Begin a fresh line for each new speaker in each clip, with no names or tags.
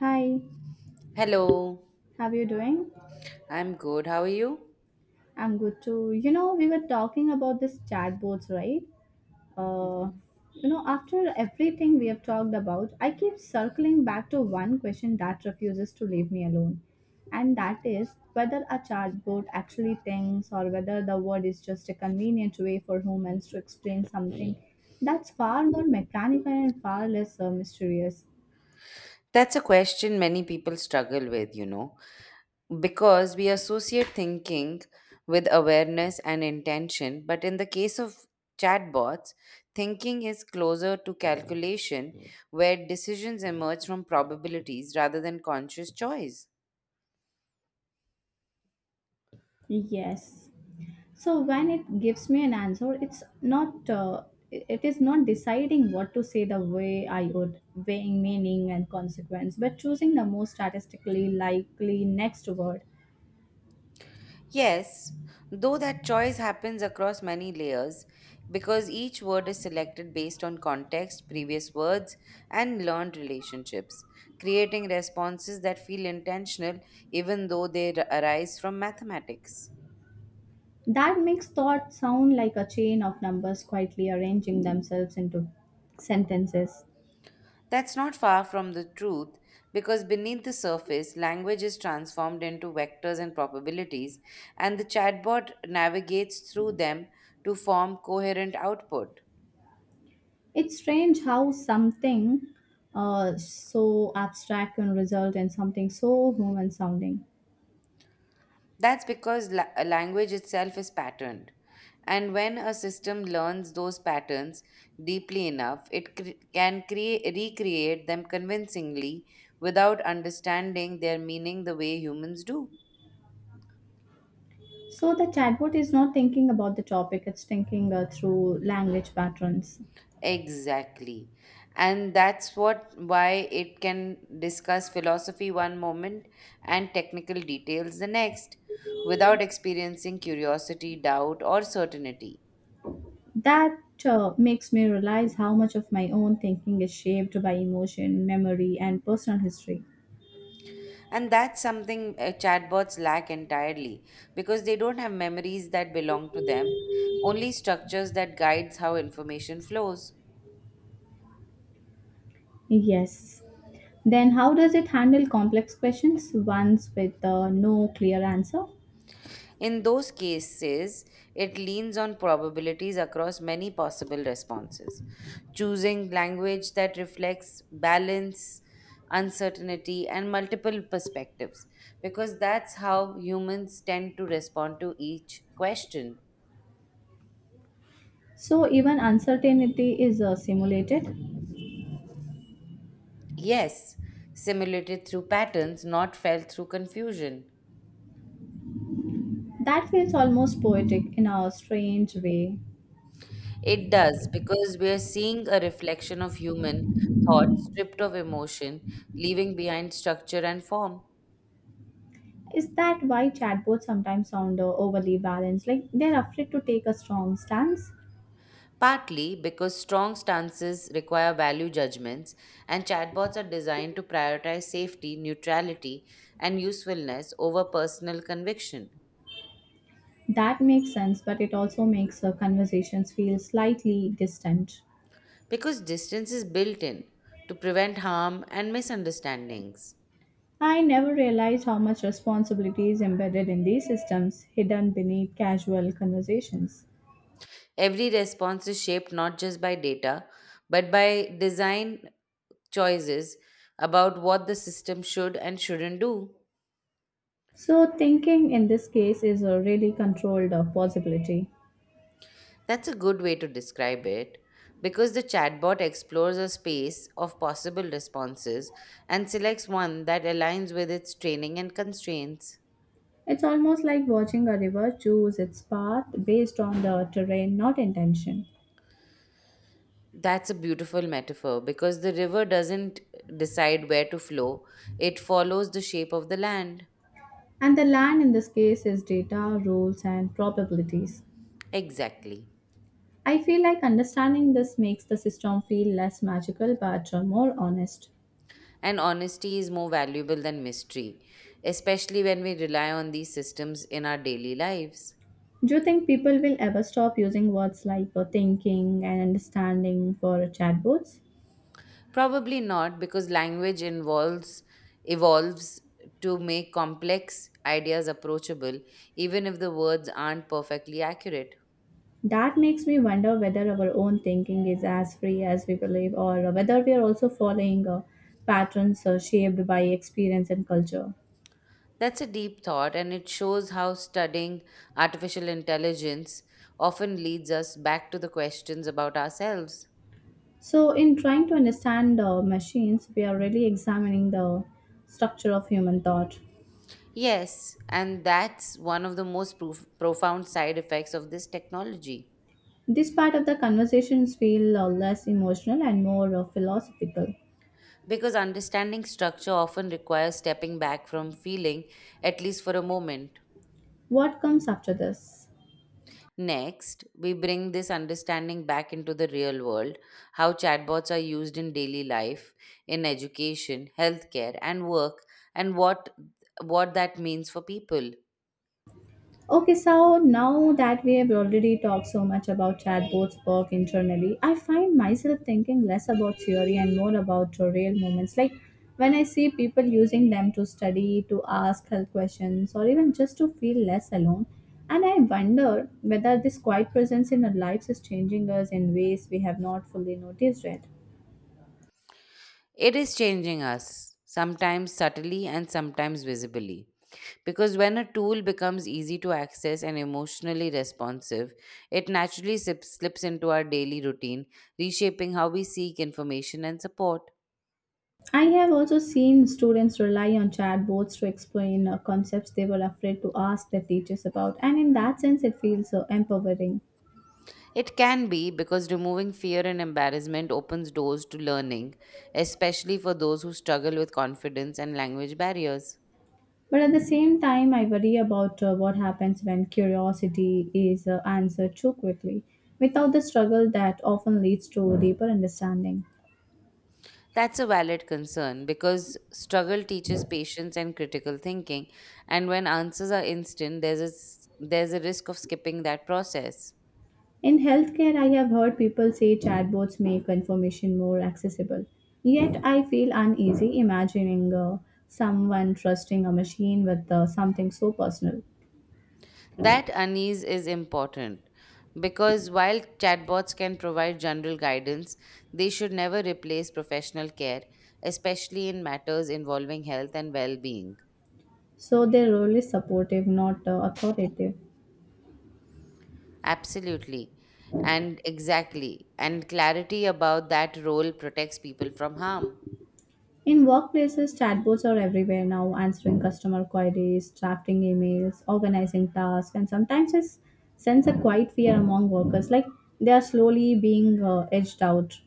Hi,
Hello,
how are you doing?
I'm good. How are you?
I'm good too. You know, we were talking about this chatbots, right? Uh,
Mhm.
After everything we have talked about, I keep circling back to one question that refuses to leave me alone. And that is whether a chatbot actually thinks or whether the word is just a convenient way for humans to explain something that's far more mechanical and far less mysterious.
That's a question many people struggle with, you know, because we associate thinking with awareness and intention. But in the case of chatbots, thinking is closer to calculation, where decisions emerge from probabilities rather than conscious choice.
Yes, so when it gives me an answer it's not it it is not deciding what to say the way I would, weighing meaning and consequence, but choosing the most statistically likely next word.
Yes, though that choice happens across many layers because each word is selected based on context, previous words, and learned relationships, creating responses that feel intentional even though they arise from mathematics.
That makes thought sound like a chain of numbers quietly arranging themselves into sentences.
That's not far from the truth because beneath the surface, language is transformed into vectors and probabilities, and the chatbot navigates through them to form coherent output.
It's strange how something so abstract can result in something so human sounding.
That's because a language itself is patterned. And when a system learns those patterns deeply enough, it can recreate them convincingly without understanding their meaning the way humans do.
So the chatbot is not thinking about the topic, it's thinking through language patterns.
Exactly. And that's what why it can discuss philosophy one moment and technical details the next without experiencing curiosity, doubt, or certainty.
That makes me realize how much of my own thinking is shaped by emotion, memory, and personal history.
And that's something chatbots lack entirely because they don't have memories that belong to them, only structures that guides how information flows.
Yes. Then, how does it handle complex questions, ones with no clear answer?
In those cases, it leans on probabilities across many possible responses, choosing language that reflects balance, uncertainty, and multiple perspectives, because that's how humans tend to respond to each question.
So, even uncertainty is simulated.
Yes, simulated through patterns, not felt through confusion.
That feels almost poetic in a strange way.
It does because we are seeing a reflection of human thought stripped of emotion, leaving behind structure and form.
Is that why chatbots sometimes sound overly balanced? Like they're afraid to take a strong stance?
Partly because strong stances require value judgments, and chatbots are designed to prioritize safety, neutrality, and usefulness over personal conviction.
That makes sense, but it also makes conversations feel slightly distant.
Because distance is built in to prevent harm and misunderstandings.
I never realized how much responsibility is embedded in these systems, hidden beneath casual conversations.
Every response is shaped not just by data, but by design choices about what the system should and shouldn't do.
So, thinking in this case is a really controlled possibility.
That's a good way to describe it because the chatbot explores a space of possible responses and selects one that aligns with its training and constraints.
It's almost like watching a river choose its path based on the terrain, not intention.
That's a beautiful metaphor because the river doesn't decide where to flow, it follows the shape of the land.
And the land in this case is data, rules, and probabilities.
Exactly.
I feel like understanding this makes the system feel less magical but more honest.
And honesty is more valuable than mystery, especially when we rely on these systems in our daily lives.
Do you think people will ever stop using words like thinking and understanding for chatbots?
Probably not, because language involves evolves to make complex ideas approachable, even if the words aren't perfectly accurate.
That makes me wonder whether our own thinking is as free as we believe or whether we are also following patterns shaped by experience and culture.
That's a deep thought, and it shows how studying artificial intelligence often leads us back to the questions about ourselves.
So, in trying to understand machines, we are really examining the structure of human thought.
Yes, and that's one of the most profound side effects of this technology.
This part of the conversations feel less emotional and more philosophical.
Because understanding structure often requires stepping back from feeling, at least for a moment.
What comes after this?
Next, we bring this understanding back into the real world how chatbots are used in daily life, in education, healthcare, and work, and what, what that means for people.
Okay, so now that we have already talked so much about chatbots work internally, I find myself thinking less about theory and more about the real moments. Like when I see people using them to study, to ask health questions, or even just to feel less alone. And I wonder whether this quiet presence in our lives is changing us in ways we have not fully noticed yet.
It is changing us, sometimes subtly and sometimes visibly. Because when a tool becomes easy to access and emotionally responsive, it naturally slips into our daily routine, reshaping how we seek information and support.
I have also seen students rely on chatbots to explain concepts they were afraid to ask their teachers about, and in that sense, it feels empowering.
It can be because removing fear and embarrassment opens doors to learning, especially for those who struggle with confidence and language barriers.
But at the same time, I worry about what happens when curiosity is answered too quickly, without the struggle that often leads to deeper understanding.
That's a valid concern because struggle teaches patience and critical thinking, and when answers are instant, there's a risk of skipping that process.
In healthcare, I have heard people say chatbots make information more accessible. Yet, I feel uneasy imagining someone trusting a machine with something so personal.
That unease is important because while chatbots can provide general guidance, they should never replace professional care, especially in matters involving health and well being.
So their role is supportive, not authoritative.
Absolutely. And exactly. And clarity about that role protects people from harm.
In workplaces, chatbots are everywhere now, answering customer queries, drafting emails, organizing tasks, and sometimes sense a quiet fear among workers, like they are slowly being edged out.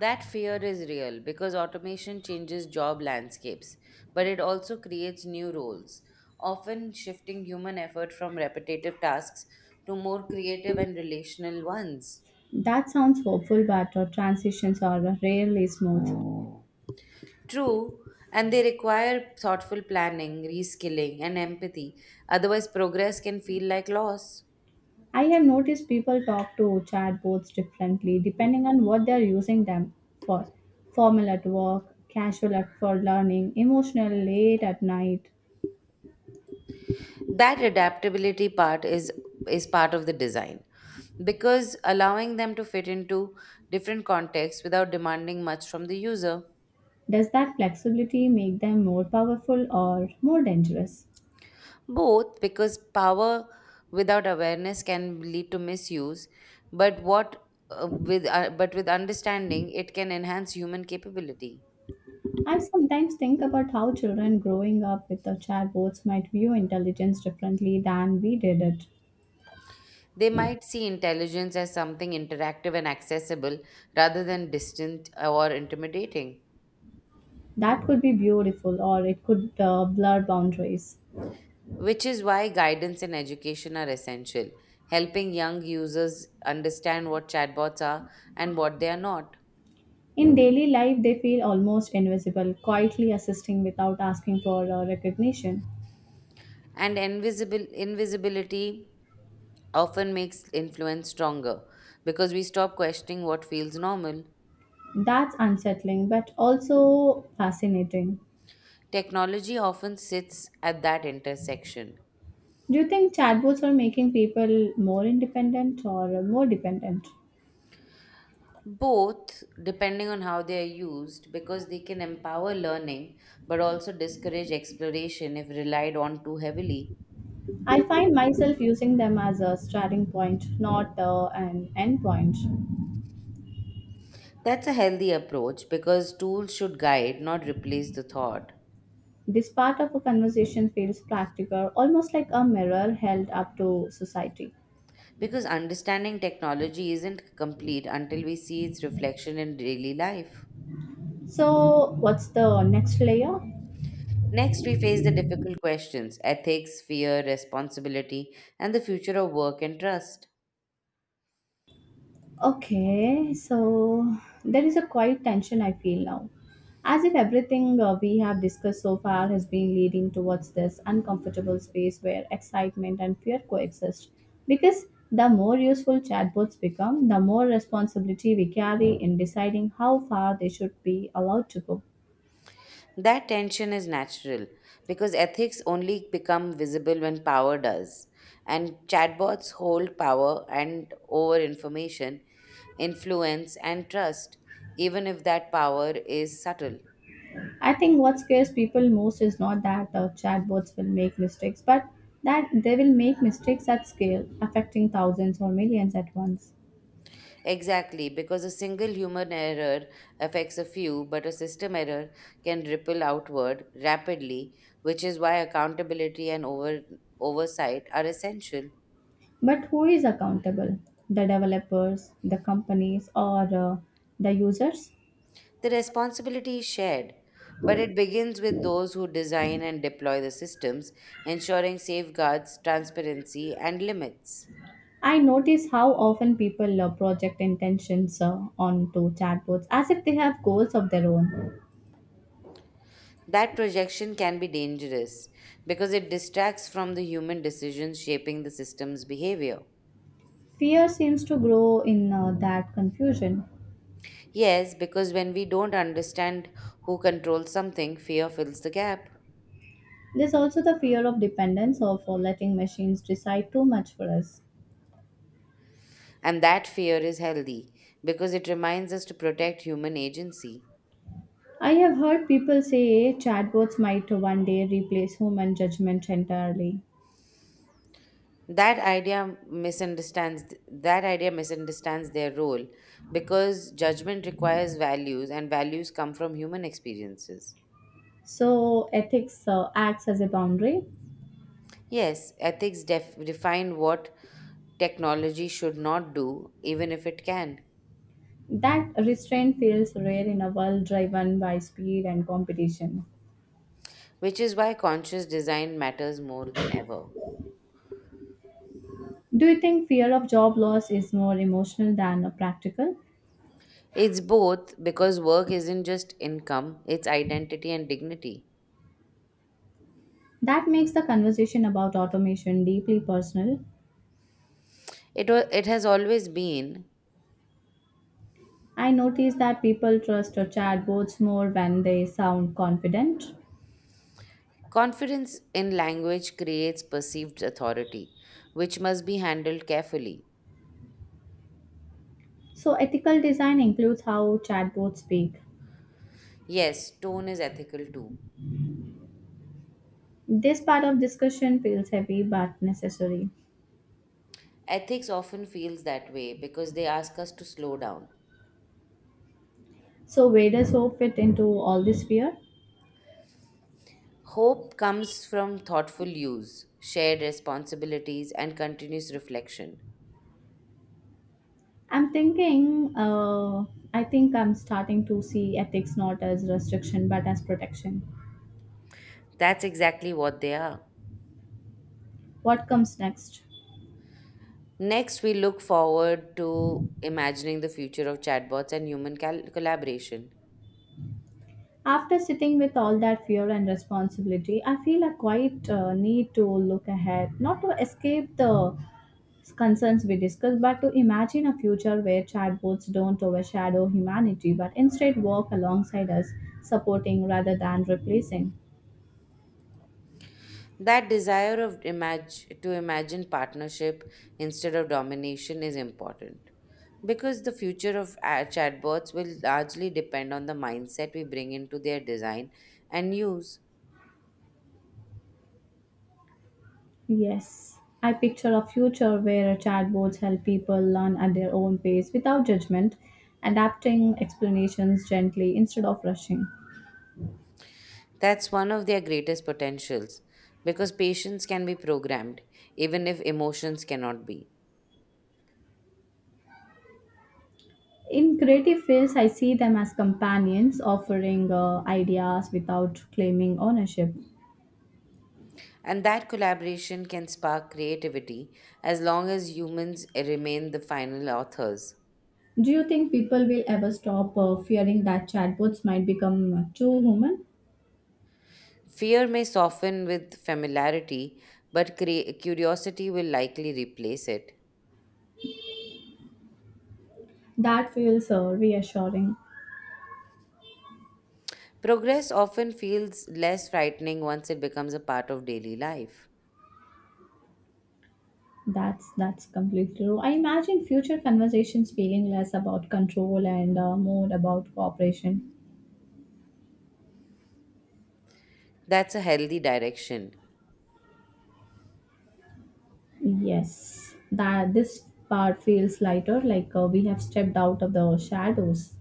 That fear is real because automation changes job landscapes, but it also creates new roles, often shifting human effort from repetitive tasks to more creative and relational ones.
That sounds hopeful, but transitions are rarely smooth.
True, and they require thoughtful planning, reskilling, and empathy, otherwise, progress can feel like loss.
I have noticed people talk to chatbots differently depending on what they are using them for, formal at work, casual at for learning, emotional late at night.
That adaptability is part of the design because allowing them to fit into different contexts without demanding much from the user.
Does that flexibility make them more powerful or more dangerous?
Both, because power without awareness can lead to misuse, but with understanding, it can enhance human capability.
I sometimes think about how children growing up with the chatbots might view intelligence differently than we did it.
They might see intelligence as something interactive and accessible rather than distant or intimidating,
That could be beautiful or it could blur boundaries.
which is why guidance and education are essential, helping young users understand what chatbots are and what they are not.
In daily life, they feel almost invisible, quietly assisting without asking for recognition.
And invisible invisibility often makes influence stronger because we stop questioning what feels normal.
That's unsettling but also fascinating.
Technology often sits at that intersection.
Do you think chatbots are making people more independent or more dependent?
Both, depending on how they are used, because they can empower learning but also discourage exploration if relied on too heavily.
I find myself using them as a starting point, not an end point.
That's a healthy approach because tools should guide, not replace the thought.
This part of a conversation feels practical, almost like a mirror held up to society.
Because understanding technology isn't complete until we see its reflection in daily life.
So, what's the next layer?
Next, we face the difficult questions ethics, fear, responsibility, and the future of work and trust.
Okay, so there is a quiet tension I feel now. As if everything we have discussed so far has been leading towards this uncomfortable space where excitement and fear coexist. Because the more useful chatbots become, the more responsibility we carry in deciding how far they should be allowed to go.
That tension is natural because ethics only become visible when power does. And chatbots hold power and over information, influence, and trust, even if that power is subtle.
I think what scares people most is not that chatbots will make mistakes, but that they will make mistakes at scale, affecting thousands or millions at once.
Exactly, because a single human error affects a few, but a system error can ripple outward rapidly, which is why oversight are essential.
But who is accountable? The developers, the companies, or the users?
The responsibility is shared, but it begins with those who design and deploy the systems, ensuring safeguards, transparency, and limits.
I notice how often people project intentions onto chatbots as if they have goals of their own.
That projection can be dangerous because it distracts from the human decisions shaping the system's behavior.
Fear seems to grow in that confusion.
Yes, because when we don't understand who controls something, fear fills the gap.
There's also the fear of dependence or for letting machines decide too much for us.
And that fear is healthy because it reminds us to protect human agency.
I have heard people say chatbots might one day replace human judgment entirely.
That idea misunderstands their role because judgment requires values and values come from human experiences.
So ethics acts as a boundary.
Yes, ethics define what technology should not do even if it can,
That restraint feels rare in a world driven by speed and competition.
which is why conscious design matters more than ever.
Do you think fear of job loss is more emotional than a practical?
It's both because work isn't just income, it's identity and dignity.
That makes the conversation about automation deeply personal.
It has always been.
I notice that people trust chatbots more when they sound confident.
Confidence in language creates perceived authority, which must be handled carefully.
So, ethical design includes how chatbots speak.
Yes, tone is ethical too.
This part of discussion feels heavy but necessary.
Ethics often feels that way because they ask us to slow down.
So, where does hope fit into all this fear?
Hope comes from thoughtful use, shared responsibilities, and continuous reflection.
I'm thinking, uh, I think I'm starting to see ethics not as restriction but as protection.
That's exactly what they are.
What comes next?
Next, we look forward to imagining the future of chatbots and human collaboration.
After sitting with all that fear and responsibility, I feel a quiet need to look ahead, not to escape the concerns we discussed, but to imagine a future where chatbots don't overshadow humanity but instead work alongside us, supporting rather than replacing.
That desire to imagine partnership instead of domination is important because the future of chatbots will largely depend on the mindset we bring into their design and use.
Yes, I picture a future where chatbots help people learn at their own pace without judgment, adapting explanations gently instead of rushing.
That's one of their greatest potentials because patience can be programmed, even if emotions cannot be.
In creative fields, I see them as companions offering ideas without claiming ownership.
And that collaboration can spark creativity as long as humans remain the final authors.
Do you think people will ever stop fearing that chatbots might become too human?
Fear may soften with familiarity, but curiosity will likely replace it.
That feels reassuring.
Progress often feels less frightening once it becomes a part of daily life.
That's completely true. I imagine future conversations feeling less about control and more about cooperation.
That's a healthy direction.
Yes, that this part feels lighter, like we have stepped out of the shadows.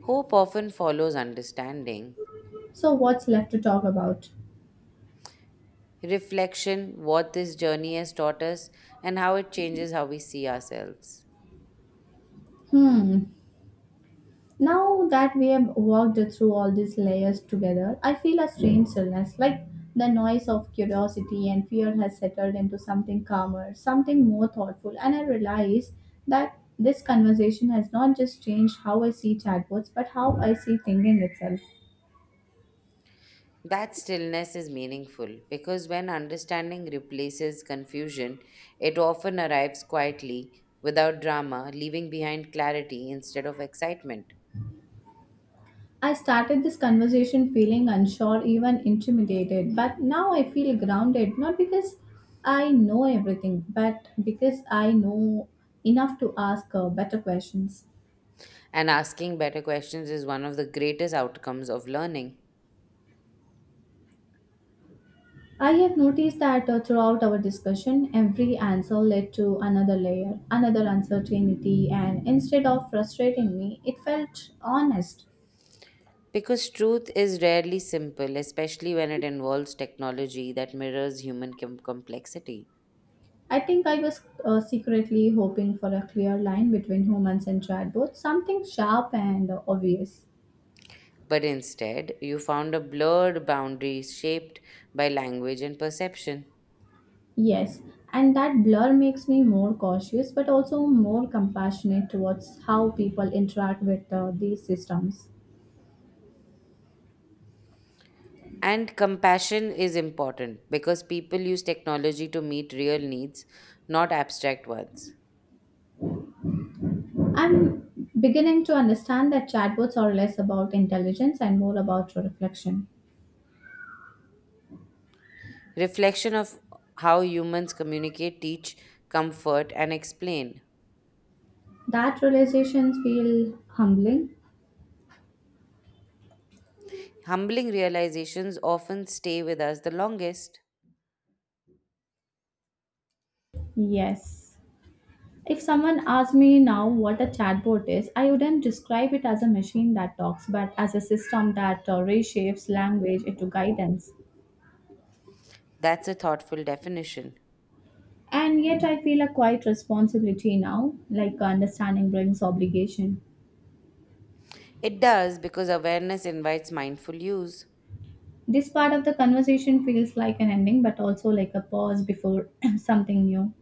Hope often follows understanding.
So what's left to talk about?
Reflection, what this journey has taught us, and how it changes how we see ourselves.
Hmm. Now that we have walked through all these layers together, I feel a strange stillness, like the noise of curiosity and fear has settled into something calmer, something more thoughtful, and I realize that this conversation has not just changed how I see chatbots, but how I see thinking itself.
That stillness is meaningful because when understanding replaces confusion, it often arrives quietly without drama, leaving behind clarity instead of excitement.
I started this conversation feeling unsure, even intimidated, but now I feel grounded, not because I know everything, but because I know enough to ask better questions.
And asking better questions is one of the greatest outcomes of learning.
I have noticed that throughout our discussion, every answer led to another layer, another uncertainty, and instead of frustrating me, it felt honest.
Because truth is rarely simple, especially when it involves technology that mirrors human complexity.
I think I was secretly hoping for a clear line between humans and chatbots, something sharp and obvious.
But instead, you found a blurred boundary shaped by language and perception.
Yes, and that blur makes me more cautious but also more compassionate towards how people interact with these systems.
And compassion is important because people use technology to meet real needs, not abstract ones.
I'm beginning to understand that chatbots are less about intelligence and more about reflection.
Reflection of how humans communicate, teach, comfort, and explain.
That realizations feel humbling.
Humbling realizations often stay with us the longest.
Yes. If someone asked me now what a chatbot is, I wouldn't describe it as a machine that talks, but as a system that reshapes language into guidance.
That's a thoughtful definition.
And yet, I feel a quiet responsibility now, like understanding brings obligation.
It does because awareness invites mindful use.
This part of the conversation feels like an ending, but also like a pause before something new.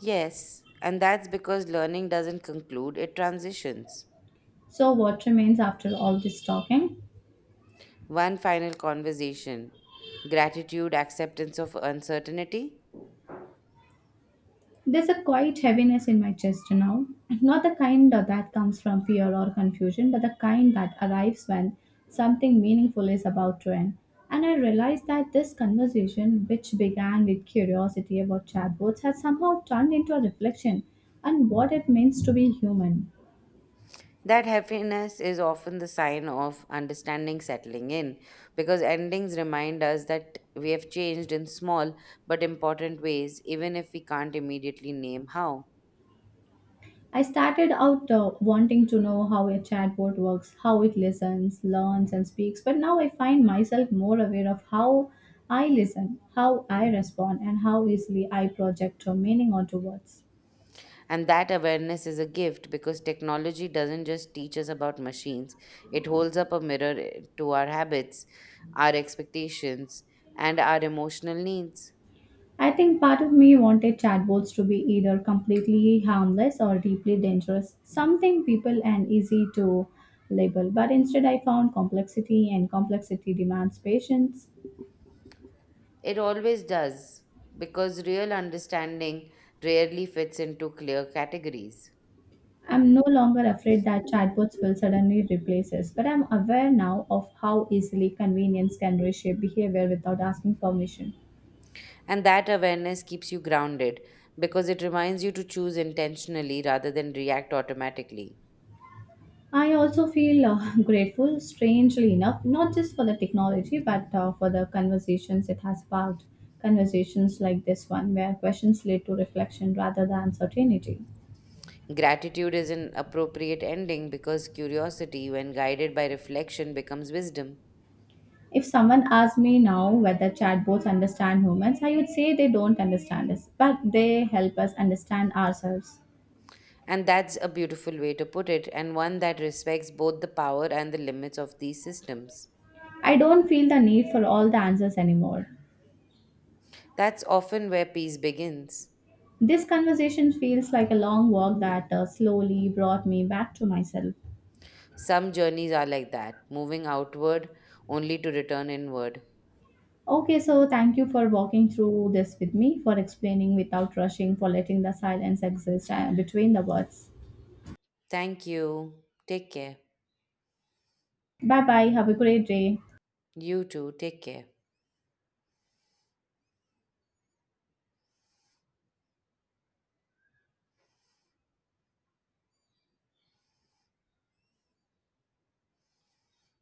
Yes, and that's because learning doesn't conclude, it transitions.
So, what remains after all this talking?
One final conversation gratitude, acceptance of uncertainty.
There's a quiet heaviness in my chest now. Not the kind that comes from fear or confusion, but the kind that arrives when something meaningful is about to end. And I realize that this conversation, which began with curiosity about chatbots, has somehow turned into a reflection on what it means to be human.
That happiness is often the sign of understanding settling in because endings remind us that we have changed in small but important ways, even if we can't immediately name how.
I started out wanting to know how a chatbot works, how it listens, learns, and speaks, but now I find myself more aware of how I listen, how I respond, and how easily I project a meaning onto words.
And that awareness is a gift because technology doesn't just teach us about machines, it holds up a mirror to our habits, our expectations, and our emotional needs.
I think part of me wanted chatbots to be either completely harmless or deeply dangerous, something people and easy to label, but instead I found complexity, and complexity demands patience.
It always does, because real understanding rarely fits into clear categories.
I'm no longer afraid that chatbots will suddenly replace us, but I'm aware now of how easily convenience can reshape behavior without asking permission.
And that awareness keeps you grounded, because it reminds you to choose intentionally rather than react automatically.
I also feel grateful, strangely enough, not just for the technology, but for the conversations it has sparked. Conversations like this one, where questions lead to reflection rather than certainty.
Gratitude is an appropriate ending because curiosity, when guided by reflection, becomes wisdom.
If someone asked me now whether chatbots understand humans, I would say they don't understand us, but they help us understand ourselves.
And that's a beautiful way to put it, and one that respects both the power and the limits of these systems.
I don't feel the need for all the answers anymore.
That's often where peace begins.
This conversation feels like a long walk that slowly brought me back to myself.
Some journeys are like that, moving outward only to return inward.
Okay, so thank you for walking through this with me, for explaining without rushing, for letting the silence exist between the words.
Thank you. Take care.
Bye bye. Have a great day.
You too. Take care.